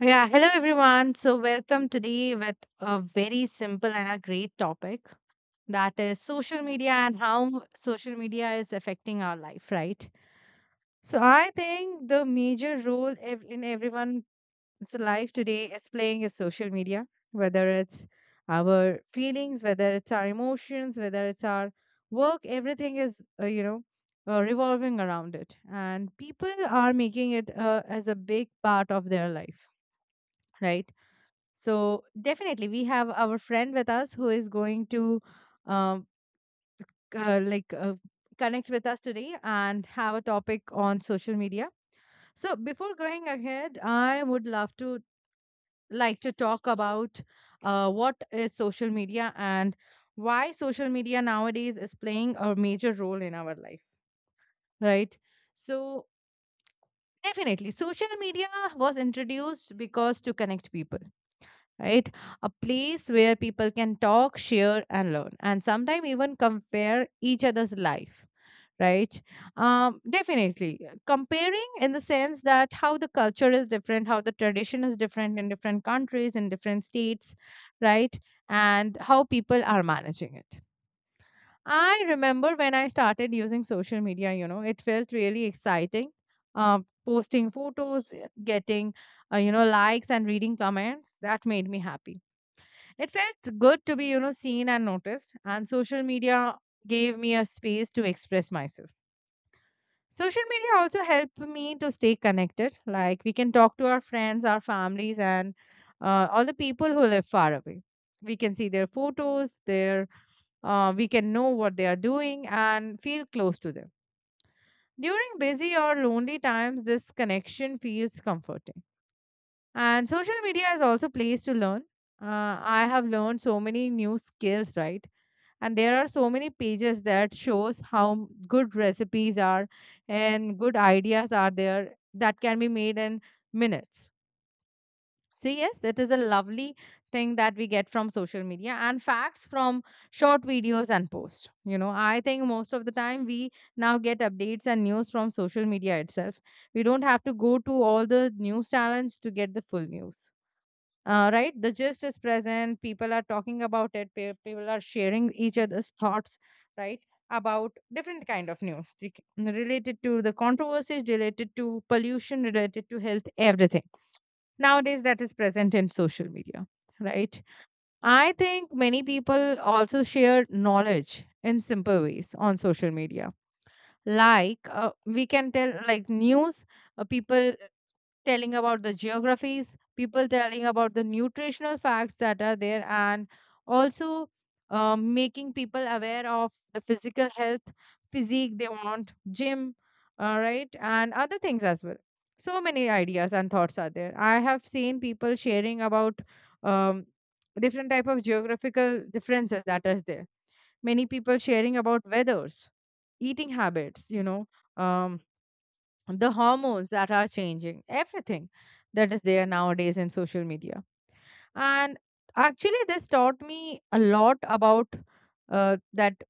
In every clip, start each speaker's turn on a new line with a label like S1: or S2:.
S1: Yeah, hello everyone. So welcome today with a very simple and a great topic, that is social media and how social media is affecting our life, right? So I think the major role in everyone's life today is playing is social media, whether it's our feelings, whether it's our emotions, whether it's our work. Everything is, revolving around it. And people are making it as a big part of their life, right? So definitely, we have our friend with us who is going to um, uh, like uh, connect with us today and have a topic on social media. So before going ahead, I would love to like to talk about what is social media and why social media nowadays is playing a major role in our life, right? So definitely, social media was introduced because to connect people, right? A place where people can talk, share, and learn, and sometimes even compare each other's life, right? Definitely. Comparing in the sense that how the culture is different, how the tradition is different in different countries, in different states, right? And how people are managing it. I remember when I started using social media, you know, it felt really exciting. Uh, Posting photos, getting, you know, likes and reading comments, that made me happy. It felt good to be, you know, seen and noticed, and social media gave me a space to express myself. Social media also helped me to stay connected. Like we can talk to our friends, our families, and all the people who live far away. We can see their photos, their we can know what they are doing and feel close to them. During busy or lonely times, this connection feels comforting. And social media is also a place to learn. I have learned so many new skills, right? And there are so many pages that shows how good recipes are and good ideas are there that can be made in minutes. So yes, it is a lovely thing that we get from social media, and facts from short videos and posts. You know, I think most of the time we now get updates and news from social media itself. We don't have to go to all the news channels to get the full news. Right, the gist is present, people are talking about it, people are sharing each other's thoughts, right? About different kind of news, like related to the controversies, related to pollution, related to health, everything nowadays that is present in social media, right? I think many people also share knowledge in simple ways on social media, like we can tell like news, people telling about the geographies, people telling about the nutritional facts that are there, and also making people aware of the physical health, physique they want, gym, all right, and other things as well. So many ideas and thoughts are there. I have seen people sharing about um, different type of geographical differences that is there. Many people sharing about weathers, eating habits, you know, um, the hormones that are changing, everything that is there nowadays in social media. And actually this taught me a lot about that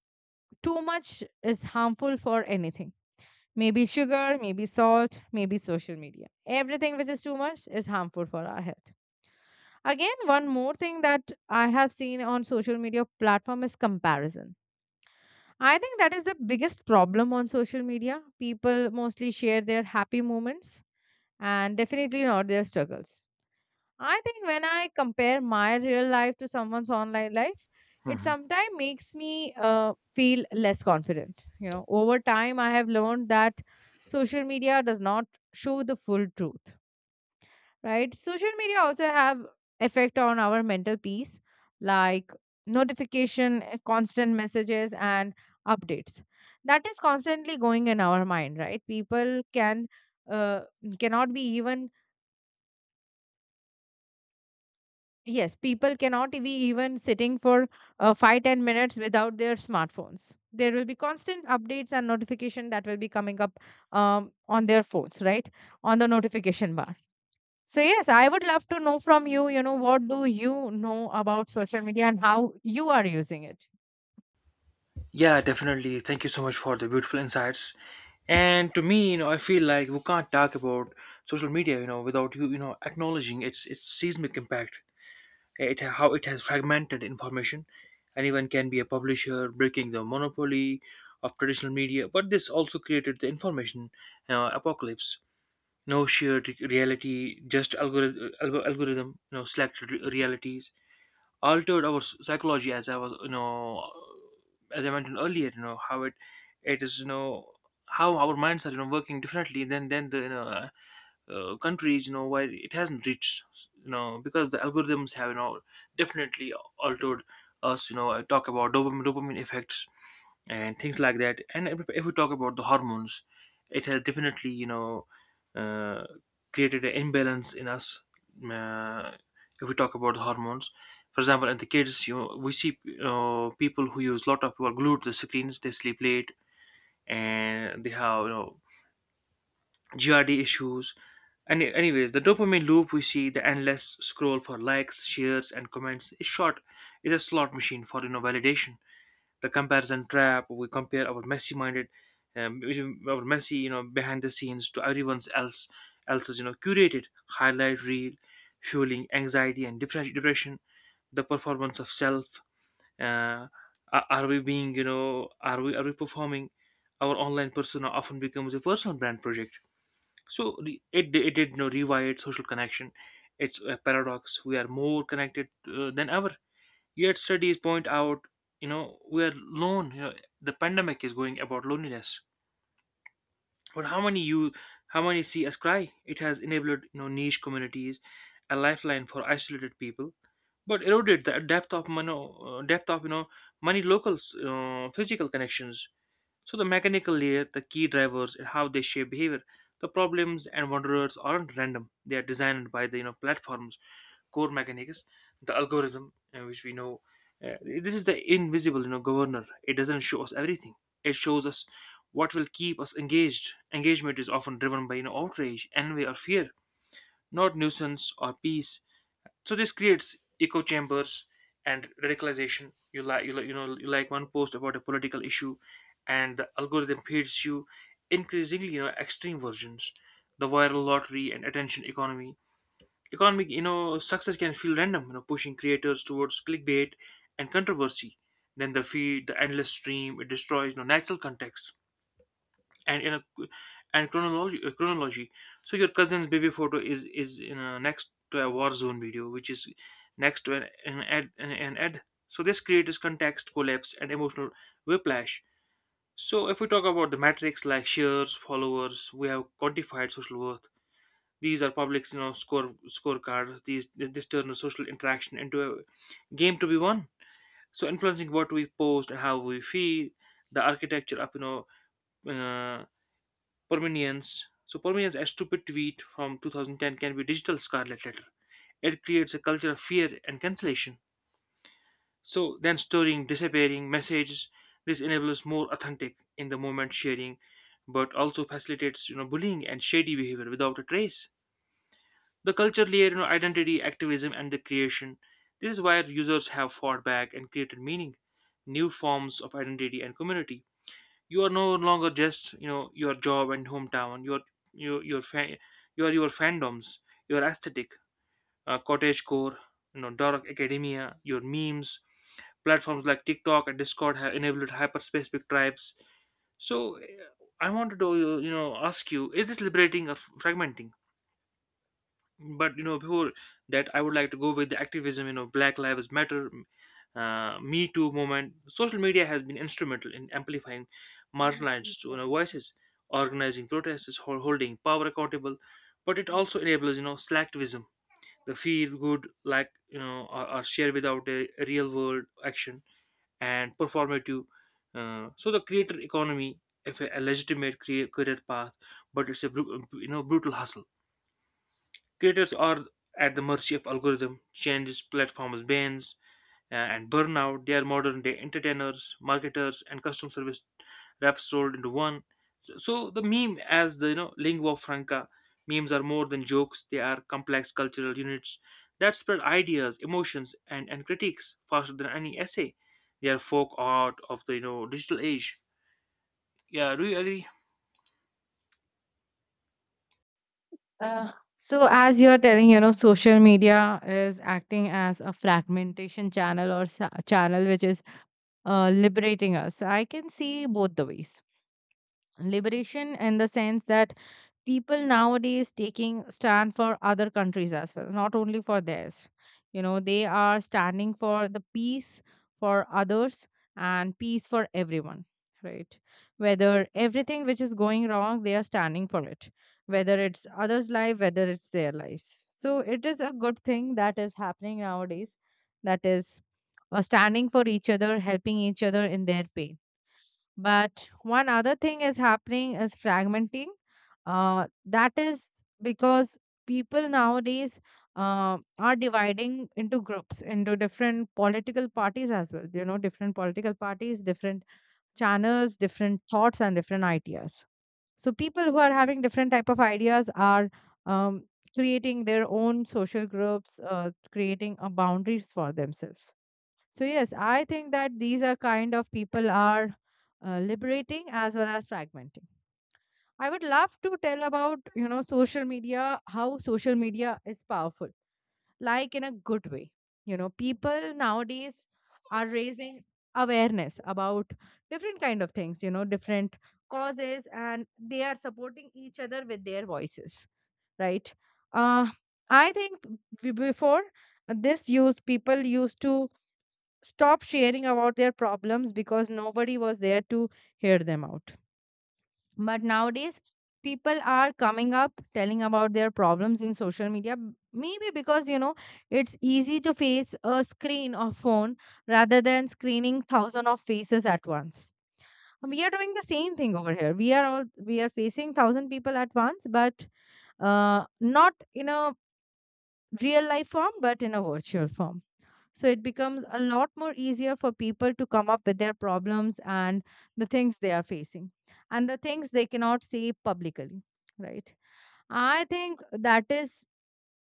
S1: too much is harmful for anything. Maybe sugar, maybe salt, maybe social media, everything which is too much is harmful for our health. Again, one more thing that I have seen on social media platform is comparison. I think that is the biggest problem on social media. People mostly share their happy moments and definitely not their struggles. I think when I compare my real life to someone's online life, it
S2: Mhm.
S1: sometimes makes me feel less confident. You know, over time, I have learned that social media does not show the full truth, right? Social media also have effect on our mental peace, like notification, constant messages, and updates. That is constantly going in our mind, right? People can uh, cannot be even Yes, people cannot be even sitting for 5-10 minutes without their smartphones. There will be constant updates and notification that will be coming up on their phones, right? On the notification bar. So yes, I would love to know from you. You know, what do you know about social media and how you are using it?
S2: Yeah, definitely. Thank you so much for the beautiful insights. And to me, you know, I feel like we can't talk about social media, without you know, acknowledging its seismic impact, it how it has fragmented information. Anyone can be a publisher, breaking the monopoly of traditional media, but this also created the information apocalypse. No shared reality, just algorithm, you know, selected realities altered our psychology, as I was you know as I mentioned earlier, you know how it is, you know, how our minds are, you know, working differently than countries, you know, why it hasn't reached, you know, because the algorithms have, you know, definitely altered us. You know, I talk about dopamine effects and things like that. And if we talk about the hormones, it has definitely, uh, created an imbalance in us. Uh, if we talk about the hormones, for example, in the kids, you know, we see, you know, people who use a lot of who are glued to the screens. They sleep late and they have, you know, GRD issues. Anyways, the dopamine loop, we see the endless scroll for likes, shares, and comments is short. It's a slot machine for, you know, validation. The comparison trap. We compare our um, our messy, you know, behind the scenes to everyone's else else's, you know, curated highlight reel, fueling anxiety and different depression. The performance of self. Uh, are we being, you know, are we performing? Our online persona often becomes a personal brand project. So it did, you know, rewired social connection. It's a paradox. We are more connected, than ever. Yet studies point out, you know, we are lone. You know, the pandemic is going about loneliness. But how many see us cry? It has enabled, you know, niche communities, a lifeline for isolated people, but eroded the depth of depth of, you know, many locals, physical connections. So the mechanical layer, the key drivers, and how they shape behavior. The problems and wanderers aren't random; they are designed by the, you know, platforms' core mechanics. The algorithm, which we know, this is the invisible, you know, governor. It doesn't show us everything, it shows us what will keep us engaged. Engagement is often driven by, you know, outrage, envy, or fear, not nuisance or peace. So this creates echo chambers and radicalization. You you know, you like one post about a political issue and the algorithm feeds you increasingly, you know, extreme versions. The viral lottery and attention economy. Economic, you know, success can feel random, you know, pushing creators towards clickbait and controversy. Then the feed, the endless stream, it destroys, you know, natural context and, you know, and chronology. So your cousin's baby photo is, you know, next to a war zone video, which is next to an ad. An ad. So this creates context collapse and emotional whiplash. So if we talk about the metrics like shares, followers, we have quantified social worth. These are public, you know, scorecards. These this turn social interaction into a game to be won. So influencing what we post and how we feel, the architecture of, you know, uh, permanence. So permanence, a stupid tweet from 2010 can be digital scarlet letter. It creates a culture of fear and cancellation. So then storing, disappearing messages. This enables more authentic in the moment sharing, but also facilitates, you know, bullying and shady behavior without a trace. The culture layer, you know, identity, activism, and the creation. This is where users have fought back and created meaning, new forms of identity and community. You are no longer just, you know, your job and hometown. Your your fa- your fandoms, your aesthetic, cottage core, you know, dark academia, your memes. Platforms like TikTok and Discord have enabled hyper-specific tribes. So, I wanted to, you know, ask you: is this liberating or fragmenting? But you know, before that, I would like to go with the activism, you know, Black Lives Matter, Me Too movement. Social media has been instrumental in amplifying marginalized, you know, voices, organizing protests, holding power accountable. But it also enables, you know, selectivism, the feel good like, you know, or share without a real world action, and performative. So the creator economy, if a legitimate career path, but it's a you know, brutal hustle. Creators are at the mercy of algorithm changes, platforms, bans, and burnout. They are modern day entertainers, marketers, and custom service reps sold into one. So the meme, as the, you know, lingua franca, memes are more than jokes. They are complex cultural units that spread ideas, emotions, and critiques faster than any essay. They are folk art of the, you know, digital age. Yeah, do you agree?
S1: So as you're telling, you know, social media is acting as a fragmentation channel or channel which is liberating us. I can see both the ways. Liberation in the sense that people nowadays taking stand for other countries as well, not only for theirs. You know, they are standing for the peace for others and peace for everyone, right? Whether everything which is going wrong, they are standing for it, whether it's others' life, whether it's their lives. So it is a good thing that is happening nowadays, that is standing for each other, helping each other in their pain. But one other thing is happening is fragmenting. That is because people nowadays are dividing into groups, into different political parties as well. You know, different political parties, different channels, different thoughts, and different ideas. So people who are having different type of ideas are um, creating their own social groups, creating boundaries for themselves. So yes, I think that these are kind of people are liberating as well as fragmenting. I would love to tell about, you know, social media, how social media is powerful, like in a good way. You know, people nowadays are raising awareness about different kind of things. You know, different causes, and they are supporting each other with their voices. Right? Uh, I think before this used people used to stop sharing about their problems because nobody was there to hear them out. But nowadays, people are coming up telling about their problems in social media, maybe because, you know, it's easy to face a screen or phone rather than screening thousand of faces at once. We are doing the same thing over here. We are facing thousand people at once, but not in a real life form, but in a virtual form. So it becomes a lot more easier for people to come up with their problems and the things they are facing and the things they cannot say publicly, right? I think that is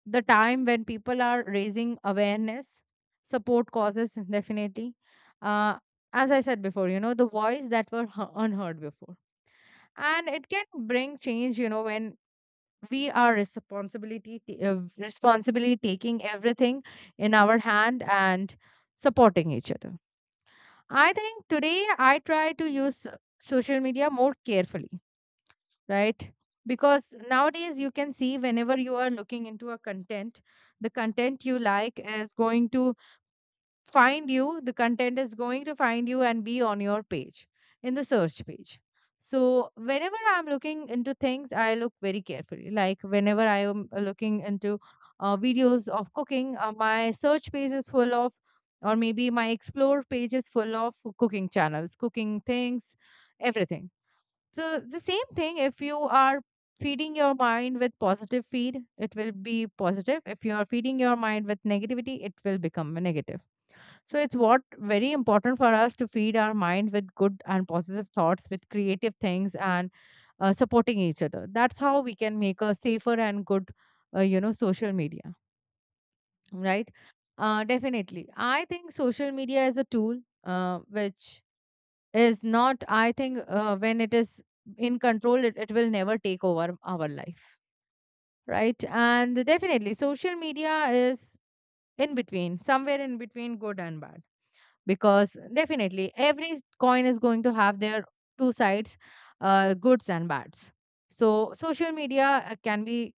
S1: the time when people are raising awareness, support causes. Definitely, uh, as I said before, you know, the voice that were unheard before, and it can bring change, you know, when we are responsibly taking everything in our hand and supporting each other. I think today I try to use social media more carefully, right? Because nowadays you can see, whenever you are looking into a content, the content you like is going to find you the content is going to find you and be on your page, in the search page. So whenever I'm looking into things, I look very carefully. Like whenever I am looking into videos of cooking, my search page is full of, or maybe my explore page is full of cooking channels, cooking things, everything. So the same thing, if you are feeding your mind with positive feed, it will be positive. If you are feeding your mind with negativity, it will become negative. So it's what very important for us to feed our mind with good and positive thoughts, with creative things, and supporting each other. That's how we can make a safer and good, you know, social media, right? Definitely, I think social media is a tool which is not. I think when it is in control, it will never take over our life, right? And definitely, social media is in between, somewhere in between good and bad because definitely every coin is going to have their two sides, goods and bads. So social media can be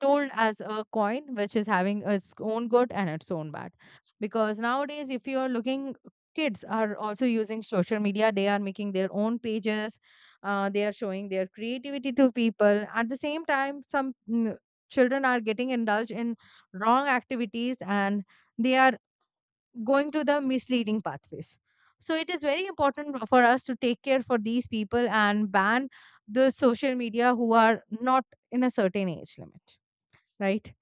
S1: told as a coin which is having its own good and its own bad because nowadays, if you are looking, kids are also using social media. They are making their own pages, they are showing their creativity to people. At the same time, some children are getting indulged in wrong activities and they are going to the misleading pathways. So it is very important for us to take care for these people and ban the social media who are not in a certain age limit, right?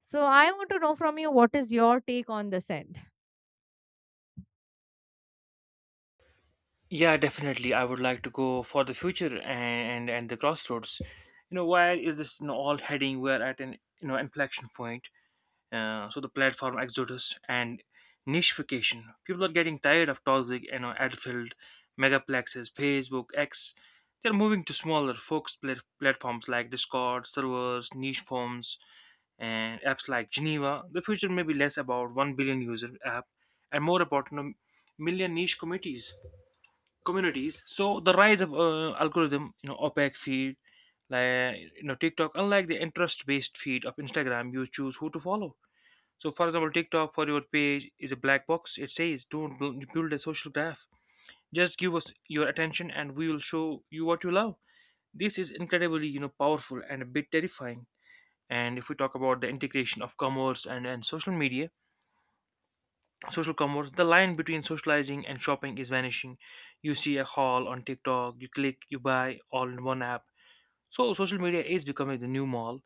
S1: So I want to know from you, what is your take on this end?
S2: Yeah, definitely. I would like to go for the future and the crossroads. You know, where is this, you know, all heading? We're at an, you know, inflection point. So the platform exodus and nicheification. People are getting tired of toxic, you know, ad-filled megaplexes, Facebook, X. They're moving to smaller, focused platforms like Discord, servers, niche forums, and apps like Geneva. The future may be less about 1 billion user app and more about, you know, million niche communities. So the rise of, algorithm, you know, opaque feed like, you know, TikTok. Unlike the interest based feed of Instagram, you choose who to follow. So, for example, TikTok for your page is a black box. It says, don't build a social graph, just give us your attention and we will show you what you love. This is incredibly, you know, powerful and a bit terrifying. And if we talk about the integration of commerce and social media, social commerce. The line between socializing and shopping is vanishing. You see a haul on TikTok, you click, you buy, all in one app. So social media is becoming the new mall.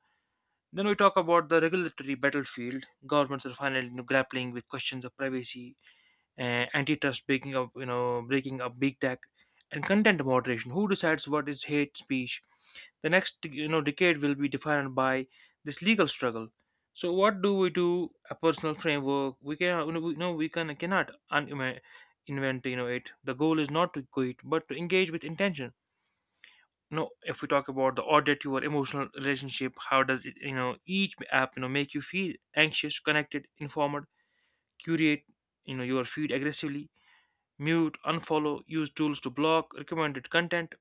S2: Then we talk about the regulatory battlefield. Governments are finally, you know, grappling with questions of privacy, antitrust, breaking up big tech, and content moderation. Who decides what is hate speech? The next, you know, decade will be defined by this legal struggle. So what do we do? A personal framework. We can, you know, we can cannot invent, you know, it. The goal is not to quit, but to engage with intention. No, if we talk about the audit, your emotional relationship, how does it, you know, each app, you know, make you feel? Anxious, connected, informed. Curate, you know, your feed aggressively. Mute, unfollow, use tools to block recommended content.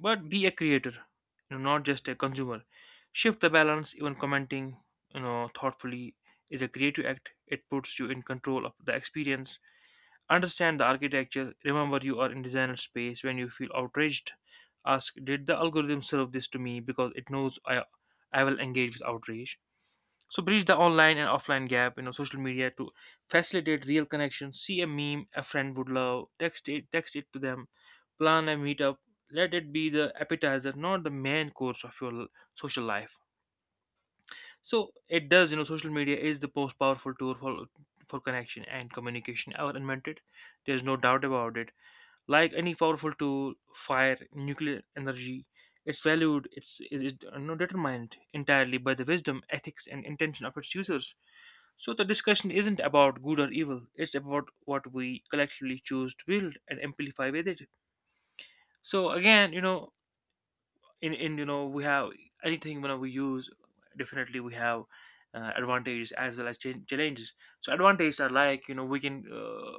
S2: But be a creator, you know, not just a consumer. Shift the balance. Even commenting, you know, thoughtfully, is a creative act. It puts you in control of the experience. Understand the architecture. Remember, you are in designer space. When you feel outraged, ask, did the algorithm serve this to me because it knows I will engage with outrage? So bridge the online and offline gap, you know, social media to facilitate real connection. See a meme a friend would love, text it to them, plan a meetup. Let it be the appetizer, not the main course of your social life. So it does, you know, social media is the most powerful tool for connection and communication ever invented. There's no doubt about it. Like any powerful tool, fire, nuclear energy, its value is, no, determined entirely by the wisdom, ethics, and intention of its users. So the discussion isn't about good or evil, it's about what we collectively choose to build and amplify with it. So again, you know, in, you know, we have anything when we use, definitely we have, advantages as well as challenges. So advantages are like, we can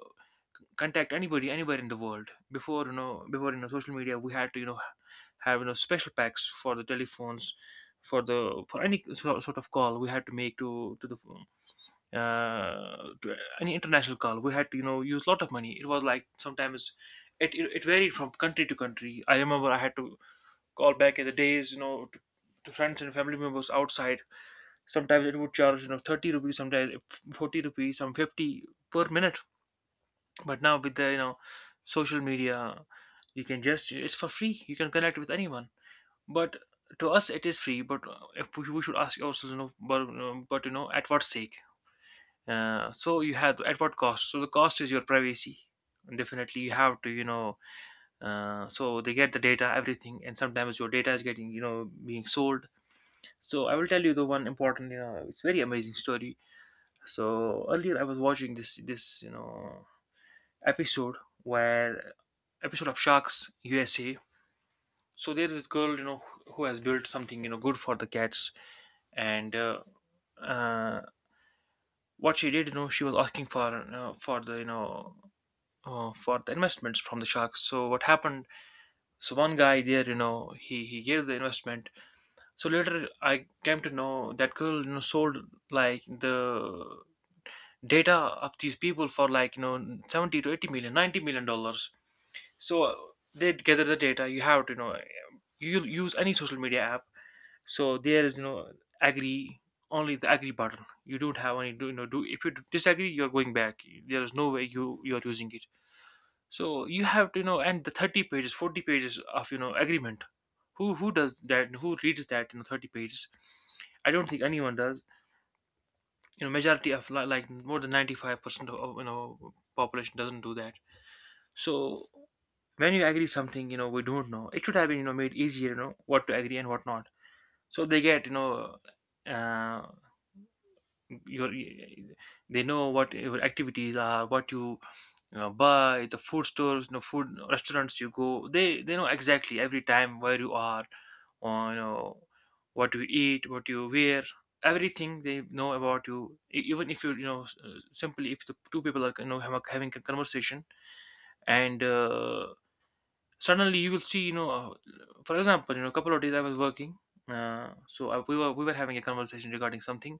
S2: contact anybody anywhere in the world. Before social media, we had to have special packs for the telephones for the for any sort of call we had to make to the phone, to any international call. We had to use a lot of money. It was like sometimes it varied from country to country. I remember I had to call back in the days, to friends and family members outside. Sometimes it would charge 30 rupees, sometimes 40 rupees, some 50 per minute. But now with the social media, you can just, it's for free, you can connect with anyone. But to us it is free, but if we, we should ask ourselves, you know but you know at what sake, so you have, at what cost? So the cost is your privacy. Definitely you have to, so they get the data, everything, and sometimes your data is getting, being sold. So I will tell you the one important, it's very amazing story. So earlier I was watching this episode, where episode of Sharks USA. So there is this girl, you know, who has built something, you know, good for the cats, and uh, what she did, you know, she was asking for the, you know, for the investments from the sharks. So what happened? So one guy there, you know, he gave the investment. So later I came to know that girl, you know, sold like the data of these people for like you know 70 to 80 million, $90 million. So they gather the data. You have to, you know, you use any social media app. So there is no agree, only the agree button. You don't have any, do you know, do, if you disagree you're going back, there is no way you're using it. So you have to, you know, and the 30 pages, 40 pages of, you know, agreement. Who does that? Who reads that, you know, 30 pages? I don't think anyone does. You know, majority of like more than 95% of, you know, population doesn't do that. So when you agree something, you know, we don't know. It should have been, you know, made easier, you know, what to agree and what not. So they get, you know, uh, your they know what your activities are, what you know, buy, the food stores, you know, food restaurants you go, they know exactly every time where you are, or you know, what you eat, what you wear, everything they know about you. Even if you, you know, simply if the two people are, you know, having a conversation, and suddenly you will see, for example, you know, a couple of days I was working, we were having a conversation regarding something,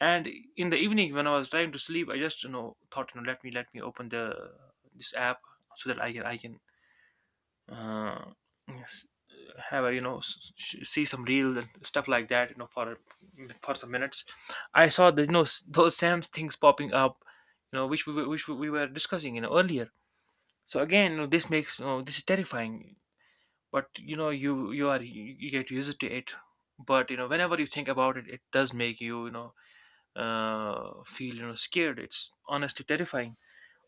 S2: and in the evening when I was trying to sleep, I just, you know, thought, you know, let me open the, this app, so that I can uh, s- have a, you know, see some reels and stuff like that, you know, for some minutes. I saw the, you know, those sam's things popping up, you know, which we were discussing, you know, earlier. So again, you know, this makes, you know, this is terrifying. But you know, you are, you get used to it. But you know, whenever you think about it, it does make you, you know, feel, you know, scared. It's honestly terrifying.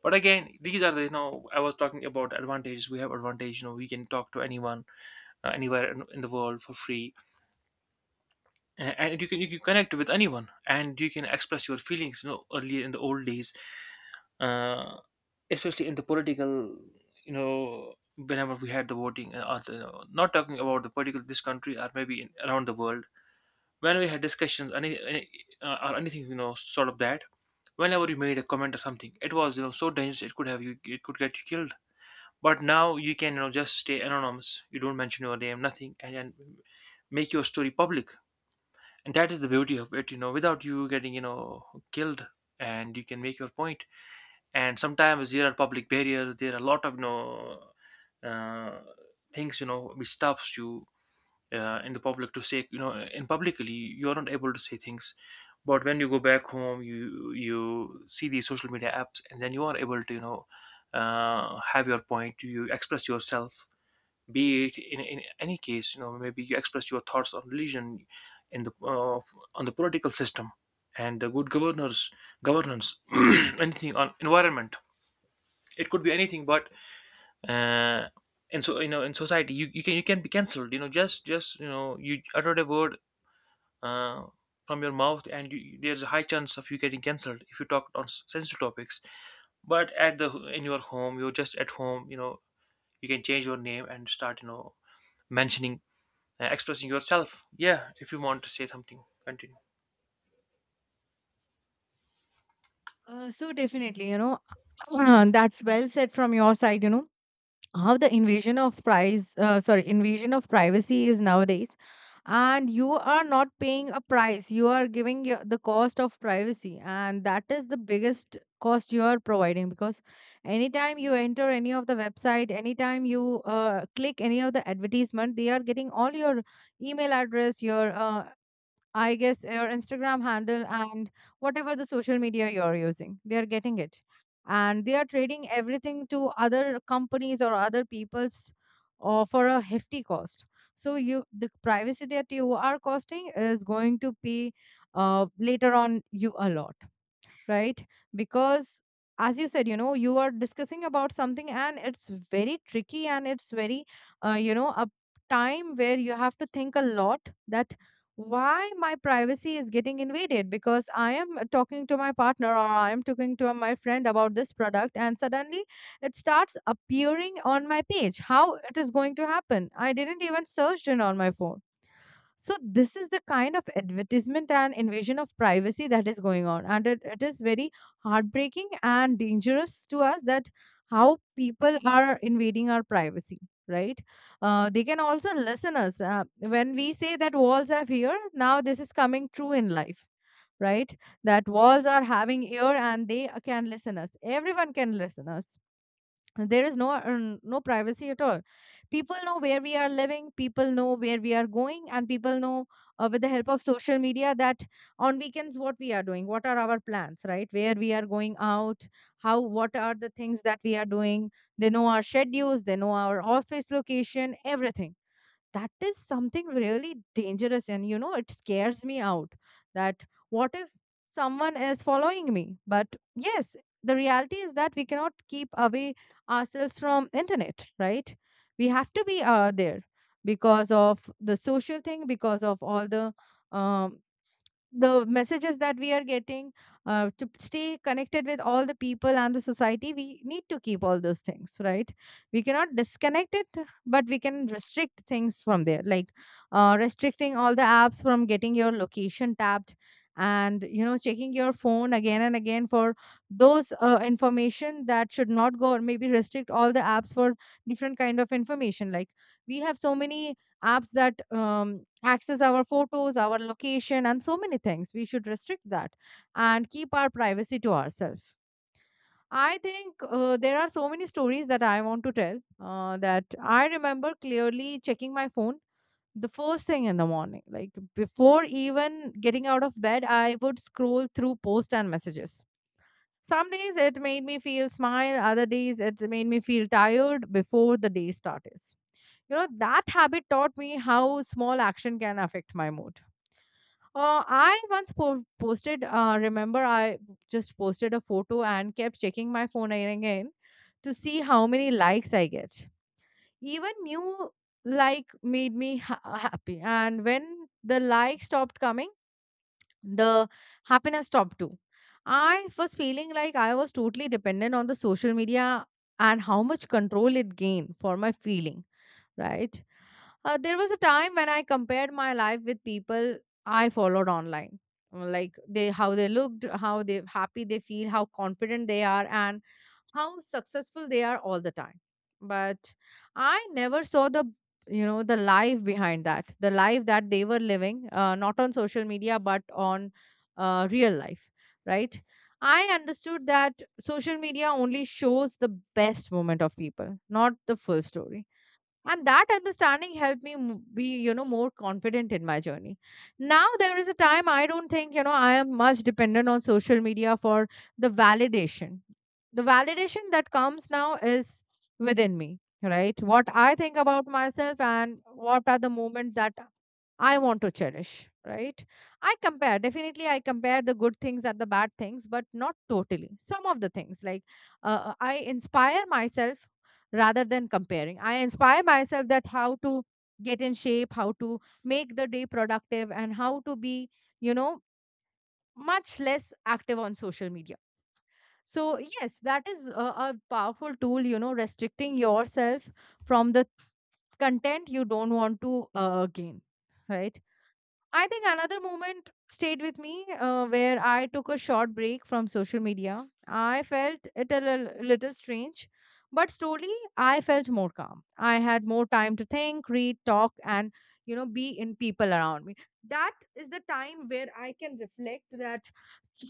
S2: But again, these are the, you know, I was talking about advantages. We have advantage, you know, we can talk to anyone, anywhere in the world, for free. Uh, and you can connect with anyone, and you can express your feelings. You know, earlier in the old days, uh, especially in the political, you know, whenever we had the voting and other, you know, not talking about the particular this country, or maybe in, around the world, when we had discussions, any or anything, you know, sort of that, whenever you made a comment or something, it was, you know, so dangerous, it could have you, it could get you killed. But now you can, you know, just stay anonymous, you don't mention your name, nothing, and make your story public. And that is the beauty of it, you know, without you getting, you know, killed. And you can make your point. And sometimes there are public barriers, there are a lot of, you know, uh, things, you know, which stops you in the public to say, you know, in publicly you are not able to say things. But when you go back home, you see these social media apps, and then you are able to, you know, have your point, you express yourself, be it in any case. You know, maybe you express your thoughts on religion, in the on the political system, and the good governors governance. Anything on environment, it could be anything. But uh, and so you know, in society you, you can be cancelled, you know, just you know, you uttered a word uh, from your mouth, and you, there's a high chance of you getting cancelled if you talk on sensitive topics. But at the, in your home, you're just at home, you know, you can change your name and start, you know, mentioning expressing yourself. Yeah, if you want to say something, continue.
S1: So definitely, you know, that's well said from your side. You know how the invasion of price sorry invasion of privacy is nowadays, and you are not paying a price. You are giving your, the cost of privacy, and that is the biggest cost you are providing because anytime you enter any of the website, anytime you click any of the advertisement, they are getting all your email address, your I guess your Instagram handle, and whatever the social media you're using, they are getting it. And they are trading everything to other companies or other people's or for a hefty cost. So you the privacy that you are costing is going to pay later on you a lot, right? Because as you said, you know, you are discussing about something and it's very tricky and it's very, you know, a time where you have to think a lot that why my privacy is getting invaded because I am talking to my partner or I am talking to my friend about this product, and suddenly it starts appearing on my page. How it is going to happen? I didn't even searched it on my phone. So this is the kind of advertisement and invasion of privacy that is going on, and it is very heartbreaking and dangerous to us that how people are invading our privacy. Right? They can also listen us when we say that walls have ear. Now this is coming true in life. Right? That walls are having ear and they can listen us. Everyone can listen us. There is no no privacy at all. People know where we are living, people know where we are going, and people know, with the help of social media, that on weekends what we are doing, what are our plans, right, where we are going out, how, what are the things that we are doing. They know our schedules, they know our office location, everything. That is something really dangerous, and you know, it scares me out that what if someone is following me? But yes, the reality is that we cannot keep away ourselves from internet, right? We have to be there because of the social thing, because of all um, the messages that we are getting to stay connected with all the people and the society. We need to keep all those things, right? We cannot disconnect it. But we can restrict things from there, like restricting all the apps from getting your location tapped, and, you know, checking your phone again and again for those information that should not go, or maybe restrict all the apps for different kind of information. Like, we have so many apps that access our photos, our location, and so many things. We should restrict that and keep our privacy to ourselves. I think there are so many stories that I want to tell, that I remember clearly checking my phone the first thing in the morning. Like before even getting out of bed, I would scroll through posts and messages. Some days it made me feel smile, other days it made me feel tired before the day starts. You know, that habit taught me how small action can affect my mood. I once posted, remember, I just posted a photo and kept checking my phone again and again to see how many likes I get. Even new like made me happy. And when the like stopped coming, the happiness stopped too. I was feeling like I was totally dependent on the social media and how much control it gained for my feeling, right? There was a time when I compared my life with people I followed online, like they how they looked, how they happy they feel, how confident they are, and how successful they are all the time. But I never saw the, you know, the life behind that, the life that they were living, not on social media but on real life, right? I understood that social media only shows the best moment of people, not the full story, and that understanding helped me be, you know, more confident in my journey. Now there is a time I don't think, you know, I am much dependent on social media for the validation. The validation that comes now is within me, right? What I think about myself and what are the moments that I want to cherish, right? I compare, definitely, I compare the good things and the bad things, but not totally. Some of the things, like I inspire myself rather than comparing. I inspire myself that how to get in shape, how to make the day productive, and how to be, you know, much less active on social media. So, yes, that is a powerful tool, you know, restricting yourself from the content you don't want to gain, right? I think another moment stayed with me where I took a short break from social media. I felt it a little strange, but slowly I felt more calm. I had more time to think, read, talk, and, you know, be in people around me. That is the time where I can reflect that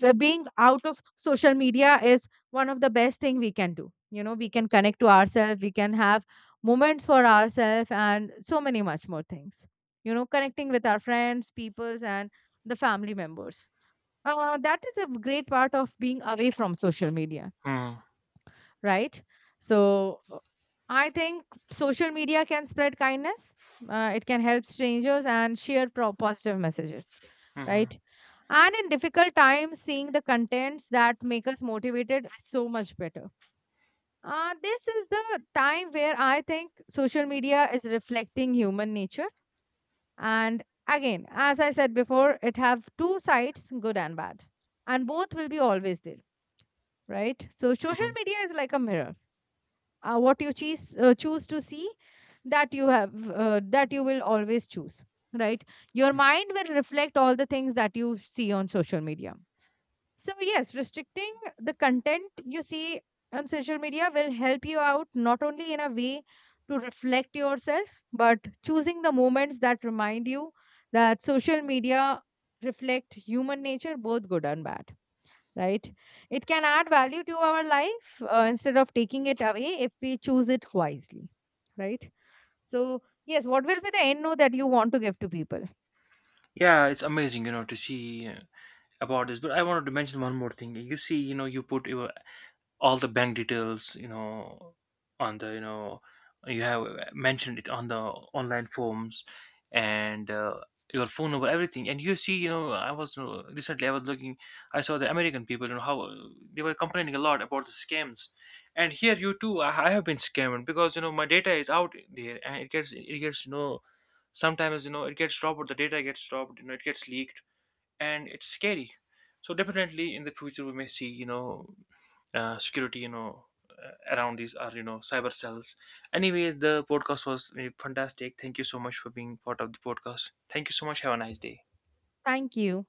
S1: being out of social media is one of the best thing we can do. You know, we can connect to ourselves, we can have moments for ourselves, and so many much more things, you know, connecting with our friends, peoples, and the family members. Uh, that is a great part of being away from social media,
S2: Hmm.
S1: right? So I think social media can spread kindness. It can help strangers and share positive messages,
S2: Hmm,
S1: right? And in difficult times, seeing the contents that make us motivated is so much better. This is the time where I think social media is reflecting human nature. And again, as I said before, it have two sides, good and bad. And both will be always there, right? So
S2: hmm,
S1: social
S2: hmm.
S1: media is like a mirror, what you choose choose to see, that you have, that you will always choose, right? Your mind will reflect all the things that you see on social media. So yes, restricting the content you see on social media will help you out not only in a way to reflect yourself, but choosing the moments that remind you that social media reflect human nature, both good and bad, right? It can add value to our life instead of taking it away if we choose it wisely, right? So, yes, what will be the end note that you want to give to people?
S2: Yeah, it's amazing, you know, to see about this. But I wanted to mention one more thing. You see, you know, you put your all the bank details, you know, on the, you know, you have mentioned it on the online forms, and your phone number, everything. And you see, you know, I was recently I was looking, I saw the american people, you know, how they were complaining a lot about the scams. And here, you too, I have been scammed because, you know, my data is out there, and it gets, you know, sometimes, you know, it gets dropped, or the data gets dropped, you know, it gets leaked, and it's scary. So definitely in the future we may see, you know, security, you know, around, these are, you know, cyber cells. Anyways, the podcast was fantastic. Thank you so much for being part of the podcast. Thank you so much, have a nice day.
S1: Thank you.